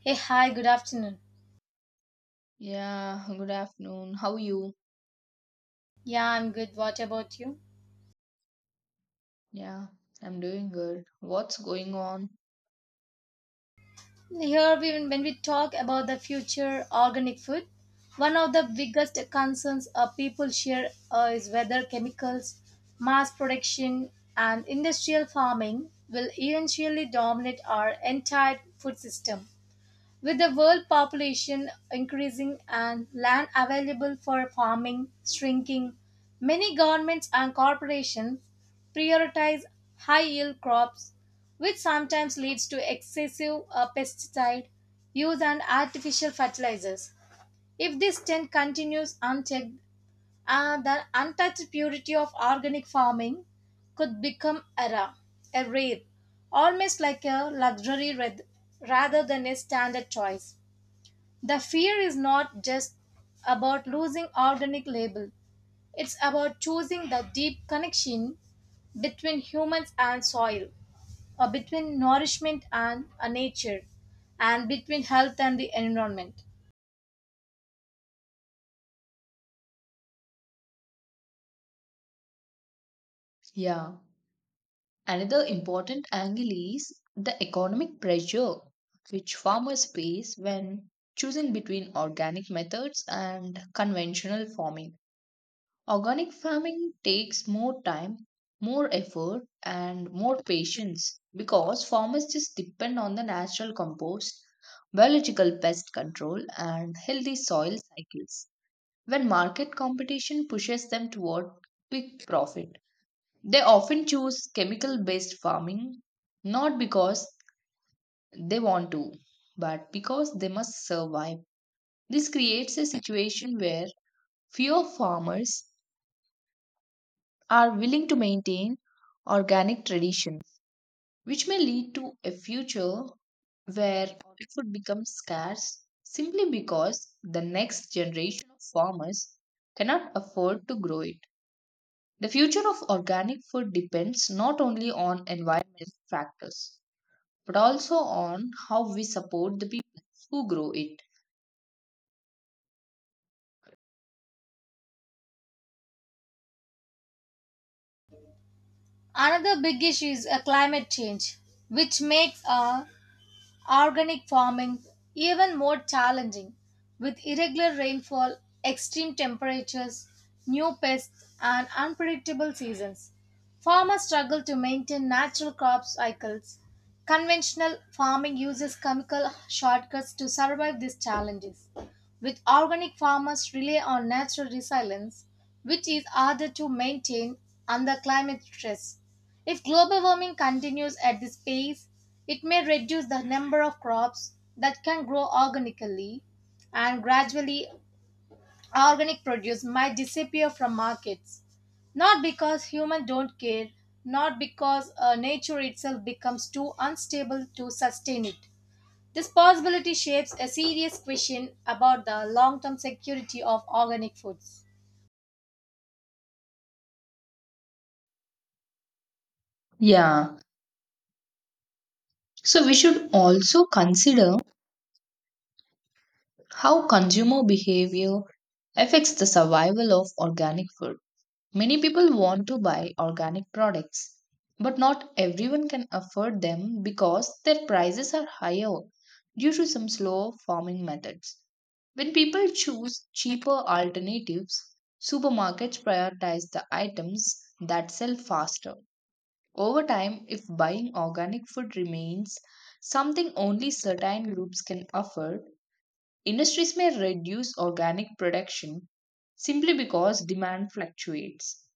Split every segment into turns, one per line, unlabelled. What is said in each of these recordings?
Hey, hi, good afternoon.
Yeah, good afternoon. How are you?
Yeah, I'm good. What about you?
Yeah, I'm doing good. What's going on?
Here, we, when we talk about the future organic food, one of the biggest concerns people share is whether chemicals, mass production, and industrial farming will eventually dominate our entire food system. With the world population increasing and land available for farming shrinking, many governments and corporations prioritize high yield crops, which sometimes leads to excessive pesticide use and artificial fertilizers. If this trend continues unchecked, the untouched purity of organic farming could become a rare, almost like a luxury rather than a standard choice. The fear is not just about losing organic label. It's about choosing the deep connection between humans and soil, or between nourishment and nature, and between health and the environment.
Yeah. Another important angle is the economic pressure which farmers face when choosing between organic methods and conventional farming. Organic farming takes more time, more effort, and more patience because farmers just depend on the natural compost, biological pest control, and healthy soil cycles. When market competition pushes them toward quick profit, they often choose chemical based farming not because they want to, but because they must survive. This creates a situation where fewer farmers are willing to maintain organic traditions, which may lead to a future where organic food becomes scarce simply because the next generation of farmers cannot afford to grow it. The future of organic food depends not only on environmental factors but also on how we support the people who grow it.
Another big issue is climate change, which makes organic farming even more challenging, with irregular rainfall, extreme temperatures, new pests, and unpredictable seasons. Farmers struggle to maintain natural crop cycles. Conventional farming uses chemical shortcuts to survive these challenges. With organic farmers rely on natural resilience, which is harder to maintain under climate stress. If global warming continues at this pace, it may reduce the number of crops that can grow organically, and gradually organic produce might disappear from markets, not because humans don't care, not because nature itself becomes too unstable to sustain it. This possibility shapes a serious question about the long-term security of organic foods.
Yeah, so we should also consider how consumer behavior affects the survival of organic food. Many people want to buy organic products, but not everyone can afford them because their prices are higher due to some slow farming methods. When people choose cheaper alternatives, supermarkets prioritize the items that sell faster. Over time, if buying organic food remains something only certain groups can afford, industries may reduce organic production simply because demand fluctuates.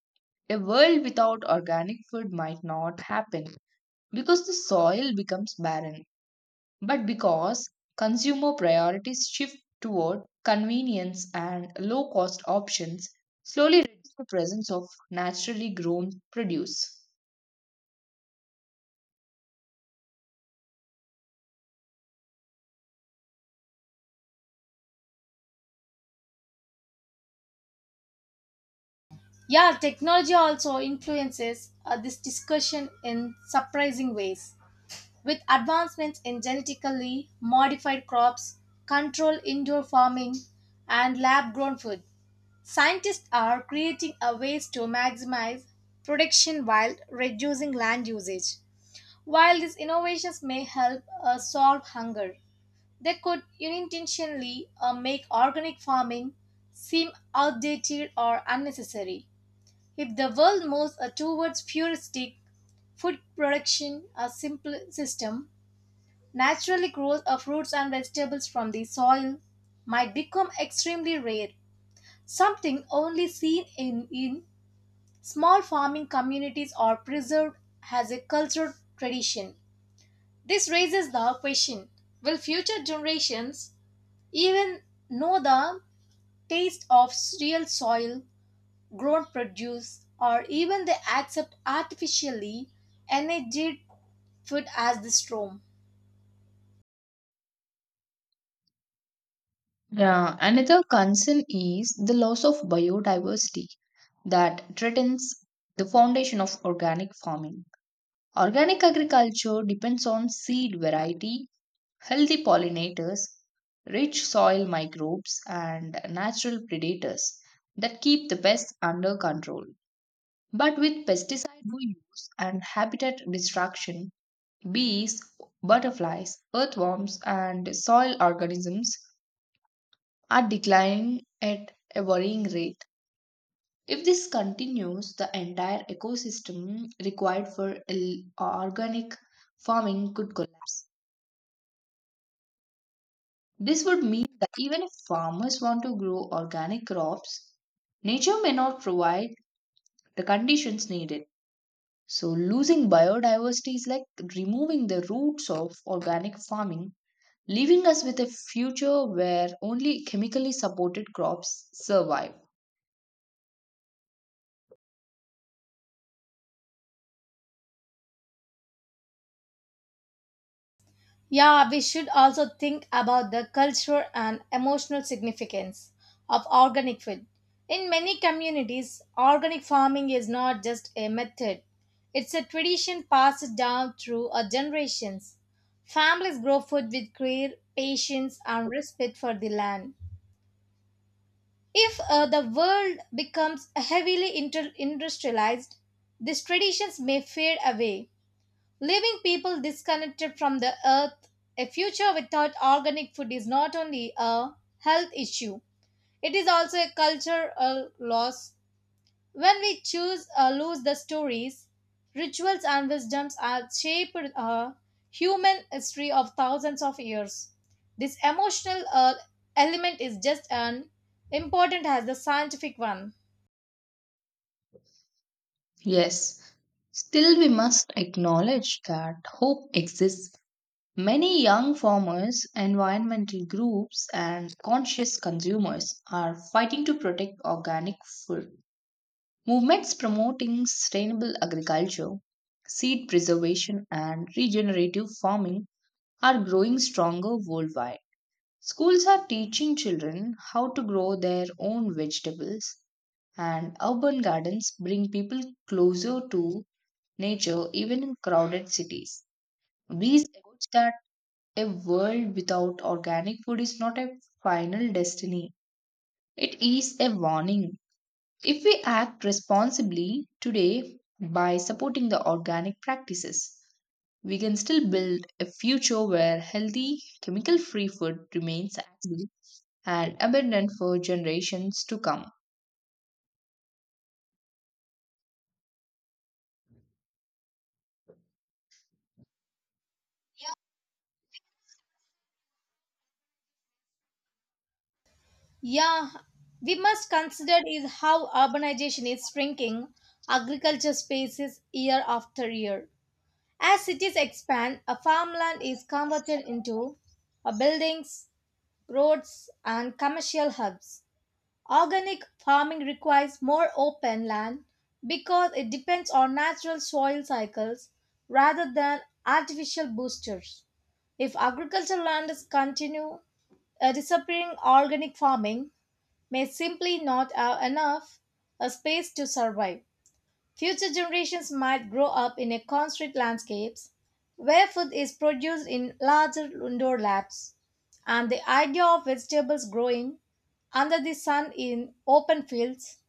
A world without organic food might not happen because the soil becomes barren, but because consumer priorities shift toward convenience and low cost options, slowly reduce the presence of naturally grown produce.
Yeah, technology also influences this discussion in surprising ways, with advancements in genetically modified crops, controlled indoor farming, and lab grown food. Scientists are creating a ways to maximize production while reducing land usage. While these innovations may help solve hunger, they could unintentionally make organic farming seem outdated or unnecessary. If the world moves towards futuristic food production, a simple system naturally grows of fruits and vegetables from the soil might become extremely rare, something only seen in small farming communities are preserved as a cultural tradition. This raises the question, will future generations even know the taste of real soil, grown produce, or even they accept artificially enriched food as the norm?
Yeah, another concern is the loss of biodiversity that threatens the foundation of organic farming. Organic agriculture depends on seed variety, healthy pollinators, rich soil microbes, and natural predators that keep the pests under control. But with pesticide no use and habitat destruction, bees, butterflies, earthworms, and soil organisms are declining at a worrying rate. If this continues, the entire ecosystem required for organic farming could collapse. This would mean that even if farmers want to grow organic crops, nature may not provide the conditions needed. So, losing biodiversity is like removing the roots of organic farming, leaving us with a future where only chemically supported crops survive.
Yeah, we should also think about the cultural and emotional significance of organic food. In many communities, organic farming is not just a method, it's a tradition passed down through generations. Families grow food with care, patience, and respect for the land. If the world becomes heavily industrialized, these traditions may fade away. Leaving people disconnected from the earth, a future without organic food is not only a health issue, it is also a cultural loss. When we choose or lose the stories, rituals, and wisdoms that shaped a human history of thousands of years. This emotional element is just as important as the scientific one.
Yes, still we must acknowledge that hope exists. Many young farmers, environmental groups, and conscious consumers are fighting to protect organic food. Movements promoting sustainable agriculture, seed preservation, and regenerative farming are growing stronger worldwide. Schools are teaching children how to grow their own vegetables, and urban gardens bring people closer to nature even in crowded cities. These efforts can a world without organic food is not a final destiny, it is a warning. If we act responsibly today by supporting the organic practices, we can still build a future where healthy, chemical free food remains accessible and abundant for generations to come.
Yeah, we must consider is how urbanization is shrinking agriculture spaces year after year. As cities expand, a farmland is converted into buildings, roads, and commercial hubs. Organic farming requires more open land because it depends on natural soil cycles rather than artificial boosters. If agricultural lands continue disappearing, organic farming may simply not have enough a space to survive. Future generations might grow up in a constrained landscapes where food is produced in larger indoor labs, and the idea of vegetables growing under the sun in open fields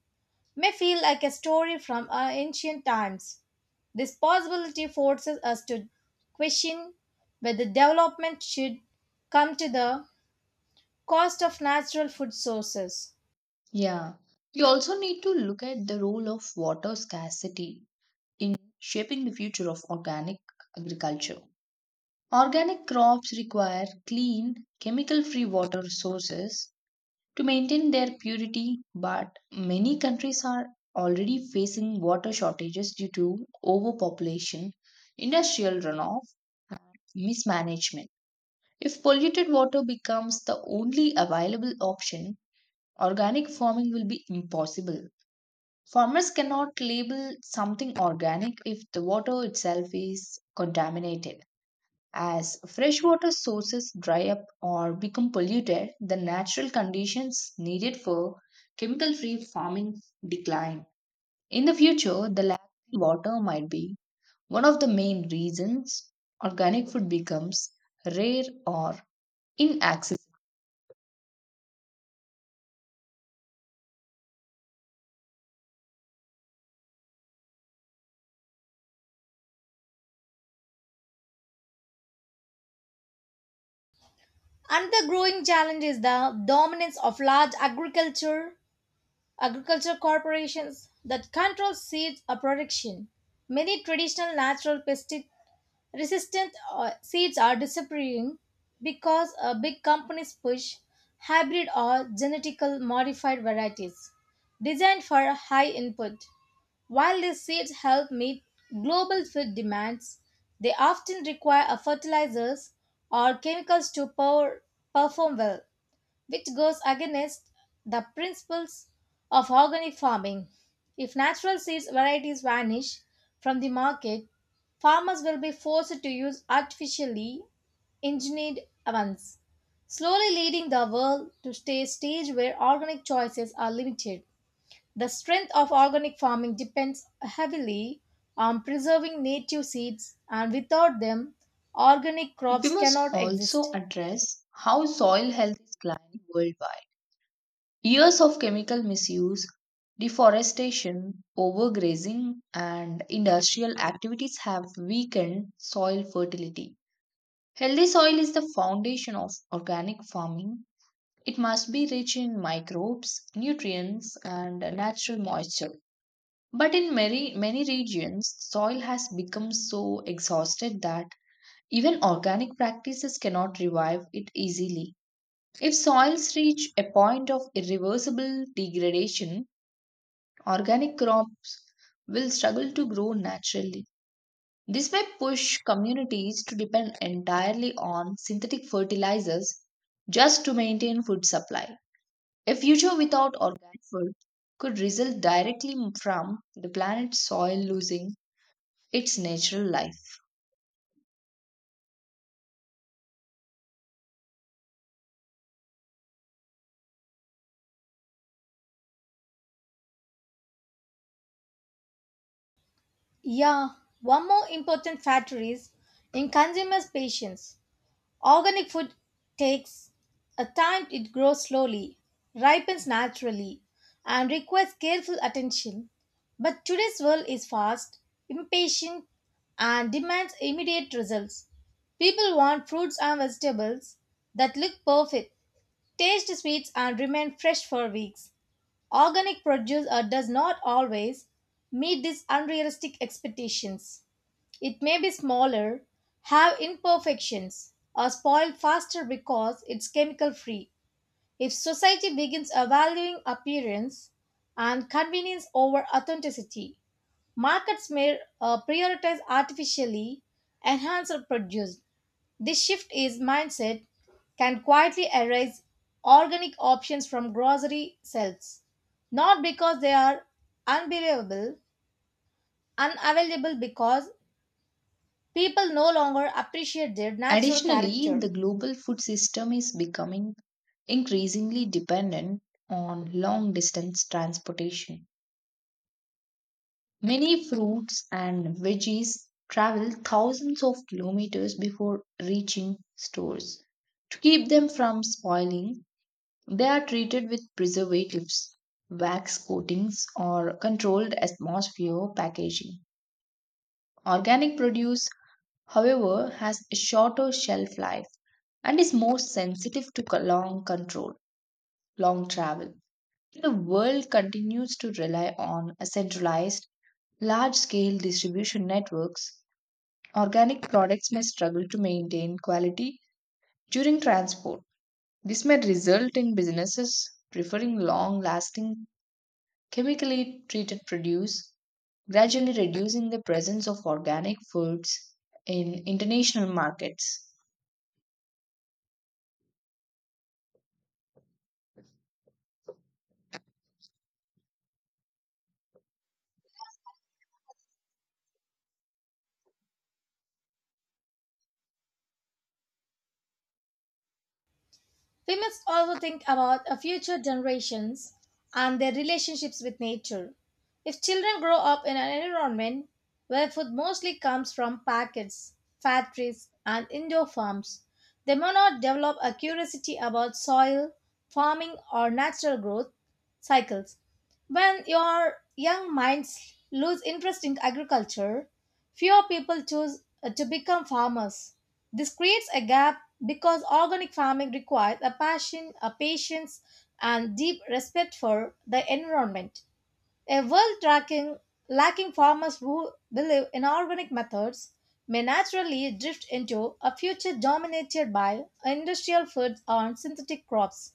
may feel like a story from ancient times. This possibility forces us to question whether development should come to the cost of natural food sources.
Yeah. We also need to look at the role of water scarcity in shaping the future of organic agriculture. Organic crops require clean, chemical free water sources to maintain their purity, but many countries are already facing water shortages due to overpopulation, industrial runoff, mismanagement. If polluted water becomes the only available option, organic farming will be impossible. Farmers cannot label something organic if the water itself is contaminated. As freshwater sources dry up or become polluted, the natural conditions needed for chemical free farming decline. In the future, the lack of water might be one of the main reasons organic food becomes rare or inaccessible.
Another growing challenge is the dominance of large agriculture corporations that control seed production. Many traditional natural pesticide resistant seeds are disappearing because big companies push hybrid or genetically modified varieties designed for high input. While these seeds help meet global food demands, they often require a fertilizers or chemicals to power, perform well, which goes against the principles of organic farming. If natural seeds varieties vanish from the market, farmers will be forced to use artificially engineered ones, slowly leading the world to stay a stage where organic choices are limited. The strength of organic farming depends heavily on preserving native seeds, and without them, organic
We
crops cannot
must also
exist.
address how soil health is declining worldwide. Years of chemical misuse, deforestation, overgrazing, and industrial activities have weakened soil fertility. Healthy soil is the foundation of organic farming. It must be rich in microbes, nutrients, and natural moisture. But in many regions, soil has become so exhausted that even organic practices cannot revive it easily. If soils reach a point of irreversible degradation, organic crops will struggle to grow naturally. This may push communities to depend entirely on synthetic fertilizers just to maintain food supply. A future without organic food could result directly from the planet's soil losing its natural life.
Yeah, one more important factor is in consumers' patience. Organic food takes a time, it grows slowly, ripens naturally, and requires careful attention. But today's world is fast, impatient, and demands immediate results. People want fruits and vegetables that look perfect, taste sweet, and remain fresh for weeks. Organic produce does not always meet these unrealistic expectations. It may be smaller, have imperfections, or spoil faster because it's chemical free. If society begins valuing appearance and convenience over authenticity, markets may prioritize artificially enhanced or produced. This shift is mindset can quietly erase organic options from grocery shelves, not because they are unbelievable, unavailable because people no longer appreciate their natural
Additionally,
character.
the global food system is becoming increasingly dependent on long distance transportation. Many fruits and veggies travel thousands of kilometers before reaching stores. To keep them from spoiling, they are treated with preservatives, wax coatings, or controlled atmosphere packaging. Organic produce, however, has a shorter shelf life and is more sensitive to long control, long travel. The world continues to rely on a centralized, large scale distribution networks. Organic products may struggle to maintain quality during transport. This may result in businesses preferring long lasting, chemically treated produce, gradually reducing the presence of organic foods in international markets.
We must also think about our future generations and their relationships with nature. If children grow up in an environment where food mostly comes from packets, factories, and indoor farms, they may not develop a curiosity about soil, farming, or natural growth cycles. When your young minds lose interest in agriculture, fewer people choose to become farmers. This creates a gap because organic farming requires a passion, a patience, and deep respect for the environment. A world tracking, lacking farmers who believe in organic methods may naturally drift into a future dominated by industrial foods and synthetic crops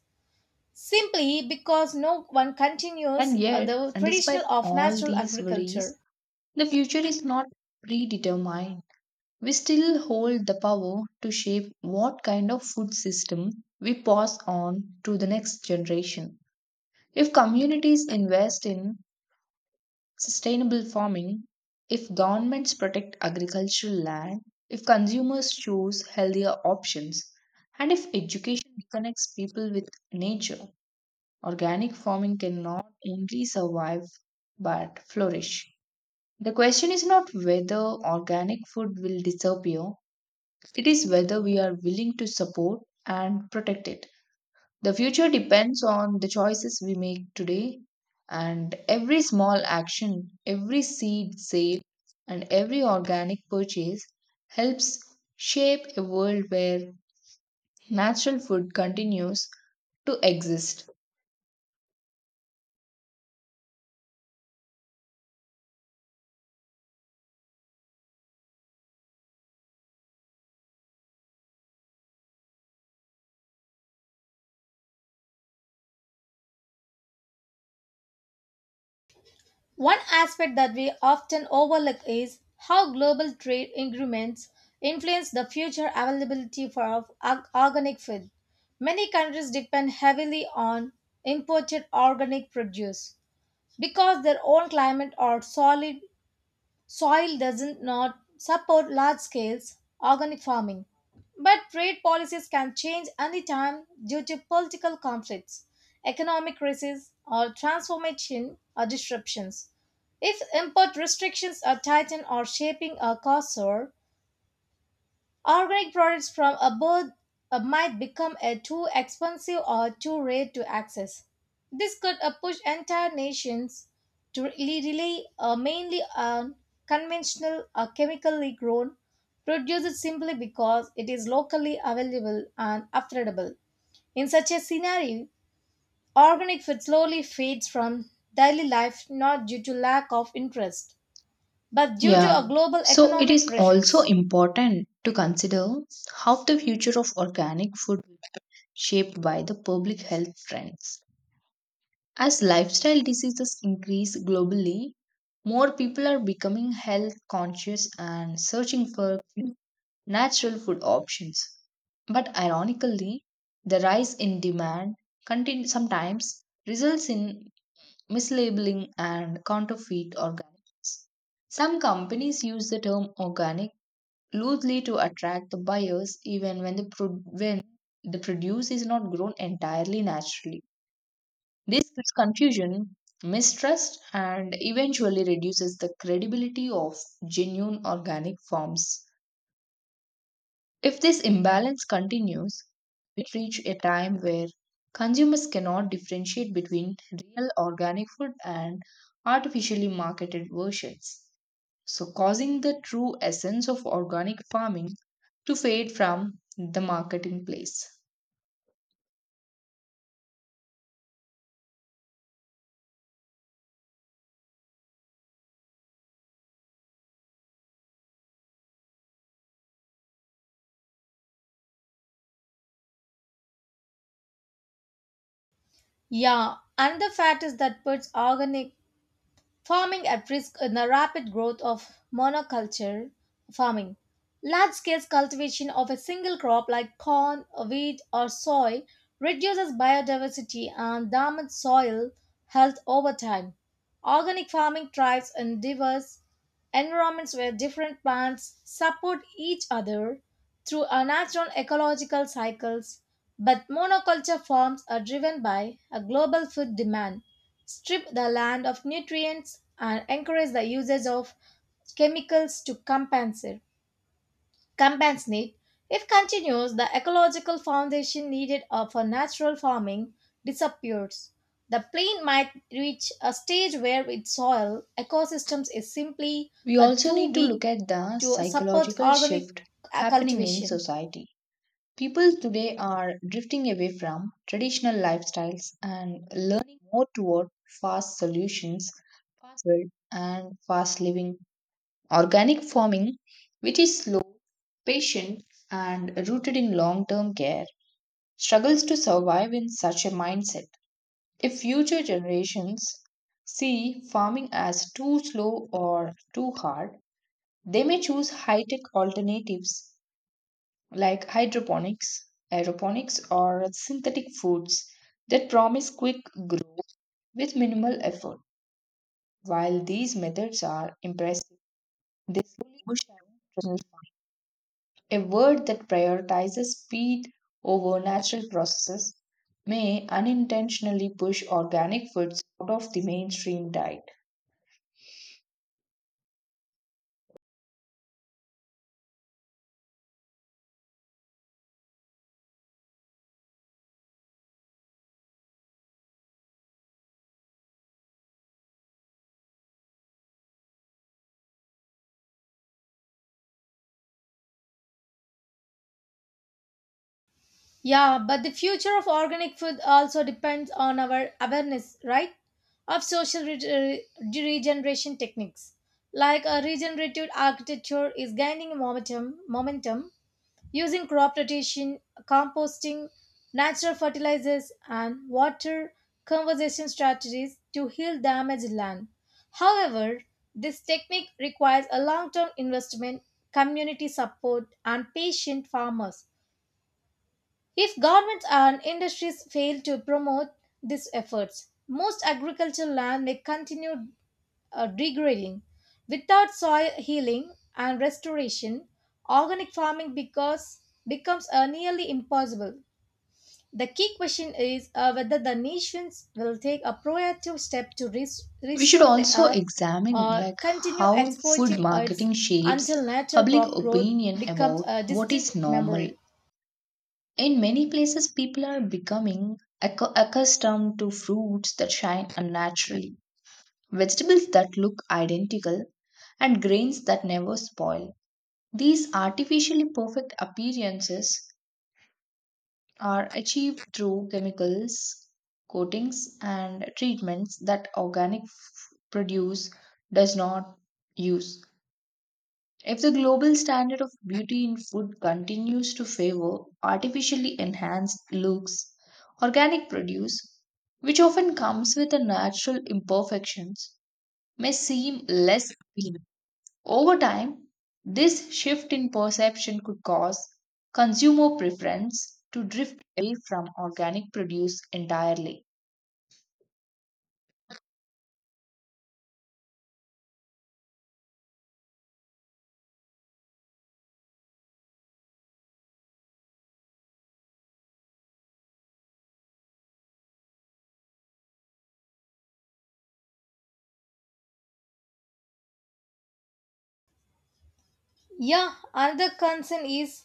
simply because no one continues
And yet,
the
and despite
traditional of
all
natural
these
agriculture.
worries, the future is not predetermined. We still hold the power to shape what kind of food system we pass on to the next generation. If communities invest in sustainable farming, if governments protect agricultural land, if consumers choose healthier options, and if education connects people with nature, organic farming can not only survive but flourish. The question is not whether organic food will disappear, it is whether we are willing to support and protect it. The future depends on the choices we make today, and every small action, every seed sale, and every organic purchase helps shape a world where natural food continues to exist.
One aspect that we often overlook is how global trade agreements influence the future availability for organic food. Many countries depend heavily on imported organic produce because their own climate or solid soil doesn't not support large scales organic farming. But trade policies can change anytime due to political conflicts, economic crises, or transformation or disruptions. If import restrictions are tightened or shaping a cursor, organic products from abroad might become too expensive or too rare to access. This could push entire nations to really rely mainly on conventional or chemically grown produced simply because it is locally available and affordable. In such a scenario, organic food slowly fades from daily life not due to lack of interest, but due to
Yeah,
a global
so it
economic
is also
pressures.
important to consider how the future of organic food will be shaped by the public health trends. As lifestyle diseases increase globally, more people are becoming health conscious and searching for natural food options. But ironically, the rise in demand sometimes results in mislabeling and counterfeit organics. Some companies use the term organic loosely to attract the buyers even when the produce is not grown entirely naturally. This creates confusion, mistrust, and eventually reduces the credibility of genuine organic forms. If this imbalance continues, we reach a time where consumers cannot differentiate between real organic food and artificially marketed versions, so causing the true essence of organic farming to fade from the marketing place.
Yeah, another fact is that birds' organic farming at risk in the rapid growth of monoculture farming. Large scale cultivation of a single crop like corn, wheat, or soy reduces biodiversity and damages soil health over time. Organic farming thrives in diverse environments where different plants support each other through a natural ecological cycles, but monoculture farms are driven by a global food demand strip the land of nutrients and encourage the usage of chemicals to compensate. If continues, the ecological foundation needed for natural farming disappears. The plain might reach a stage where its soil ecosystems is simply
We also
too
need to
weak
look at the
to support
psychological
organic
shift happening in
cultivation.
society. People today are drifting away from traditional lifestyles and learning more toward fast solutions, fast food, and fast living. Organic farming, which is slow, patient, and rooted in long term care, struggles to survive in such a mindset. If future generations see farming as too slow or too hard, they may choose high tech alternatives like hydroponics, aeroponics, or synthetic foods that promise quick growth with minimal effort. While these methods are impressive, they slowly push away traditional farming. A word that prioritizes speed over natural processes may unintentionally push organic foods out of the mainstream diet.
Yeah, but the future of organic food also depends on our awareness, right? Of social regeneration techniques. Like a regenerative architecture is gaining momentum, using crop rotation, composting, natural fertilizers, and water conservation strategies to heal damaged land. However, this technique requires a long term investment, community support, and patient farmers if governments and industries fail to promote these efforts, most agricultural land may continue degrading. Without soil healing and restoration, organic farming becomes nearly impossible. The key question is whether the nations will take a proactive step to
We should
restore the
also
earth
examine
or
like
continue
how food
exploiting it
marketing shapes
until natural
public
crop growth
opinion
becomes
about
a
what
distant
is normal.
memory.
In many places, people are becoming accustomed to fruits that shine unnaturally, vegetables that look identical, and grains that never spoil. These artificially perfect appearances are achieved through chemicals, coatings, and treatments that organic produce does not use. If the global standard of beauty in food continues to favor artificially enhanced looks, organic produce, which often comes with a natural imperfections, may seem less appealing. Over time, this shift in perception could cause consumer preference to drift away from organic produce entirely.
Yeah, another concern is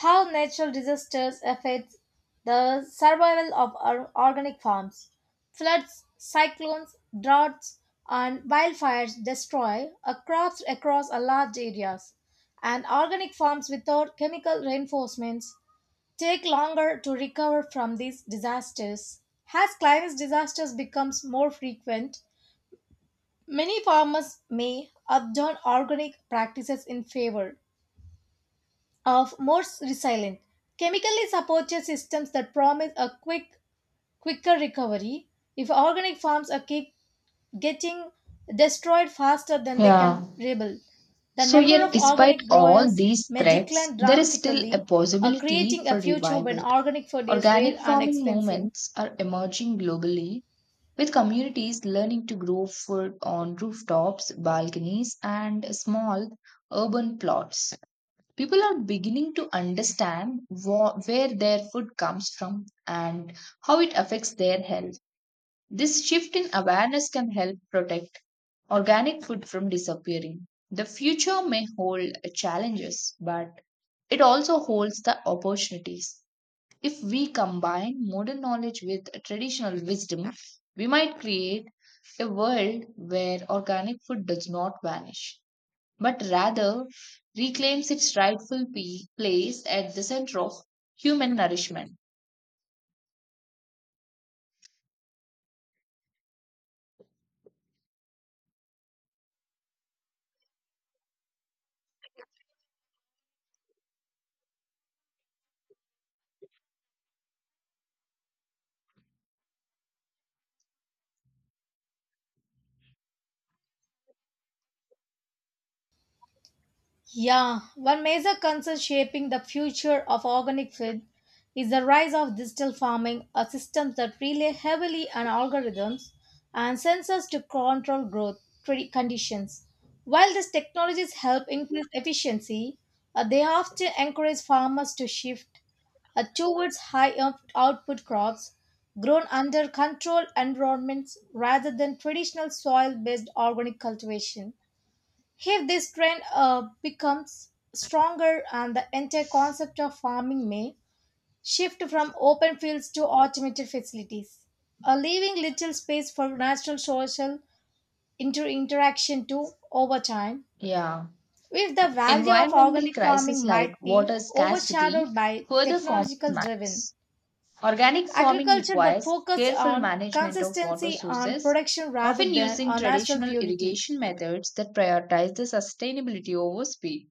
how natural disasters affect the survival of our organic farms. Floods, cyclones, droughts, and wildfires destroy our crops across a large areas, and organic farms without chemical reinforcements take longer to recover from these disasters. As climate disasters becomes more frequent, many farmers may abandon organic practices in favor of more resilient. Chemically supported systems that promise a quicker recovery. If organic farms are keep getting destroyed faster than they
Yeah.
can rebuild, the
So,
number
yet,
of
despite
organic
all
growers
these
may
threats,
decline
there is still a
dramatically,
possibility
creating a
for
future when
revival.
organic food is rare
Organic
and
farming
expensive.
movements are emerging globally, with communities learning to grow food on rooftops, balconies, and small urban plots. People are beginning to understand where their food comes from and how it affects their health. This shift in awareness can help protect organic food from disappearing. The future may hold challenges, but it also holds the opportunities. If we combine modern knowledge with traditional wisdom, we might create a world where organic food does not vanish, but rather reclaims its rightful place at the center of human nourishment.
Yeah, one major concern shaping the future of organic food is the rise of digital farming, a system that rely heavily on algorithms and sensors to control growth conditions. While these technologies help increase efficiency, they often encourage farmers to shift towards high output crops grown under controlled environments rather than traditional soil based organic cultivation. If this trend becomes stronger and the entire concept of farming may shift from open fields to automated facilities, leaving little space for natural social interaction too over time.
Yeah.
If the value of
Environmental
organic
crises
farming
like
might be
water scarcity
overshadowed by
further complicate
technological driven
matters. Organic farming
agriculture that
requires
focus
careful
on
management of water
consistency on
sources,
production rather
often
than
using
on natural
traditional
purity.
irrigation methods that prioritize the sustainability over speed.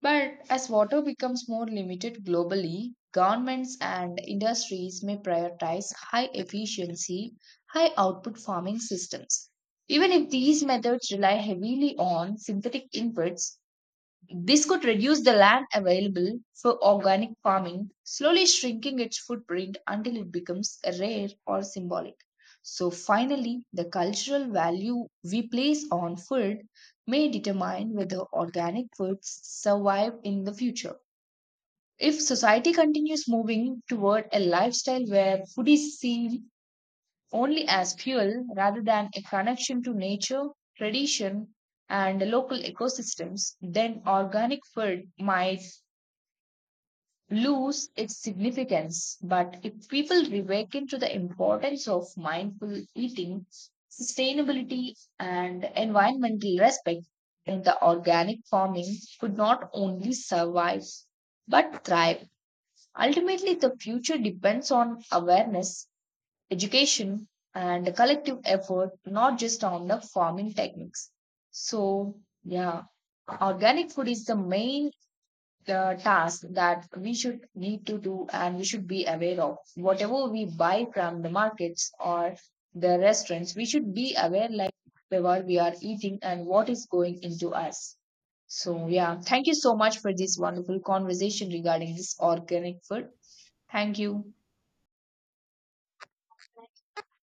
But as water becomes more limited globally, governments and industries may prioritize high efficiency, high output farming systems. Even if these methods rely heavily on synthetic inputs, this could reduce the land available for organic farming, slowly shrinking its footprint until it becomes rare or symbolic. So, finally, the cultural value we place on food may determine whether organic foods survive in the future. If society continues moving toward a lifestyle where food is seen only as fuel rather than a connection to nature, tradition, and local ecosystems, then organic food might lose its significance. But if people reawaken to the importance of mindful eating, sustainability, and environmental respect, then the organic farming could not only survive but thrive. Ultimately, the future depends on awareness education and collective effort, not just on the farming techniques. So, yeah, organic food is the main task that we should need to do and we should be aware of. Whatever we buy from the markets or the restaurants, we should be aware like whatever we are eating and what is going into us. So, yeah, thank you so much for this wonderful conversation regarding this organic food. Thank you.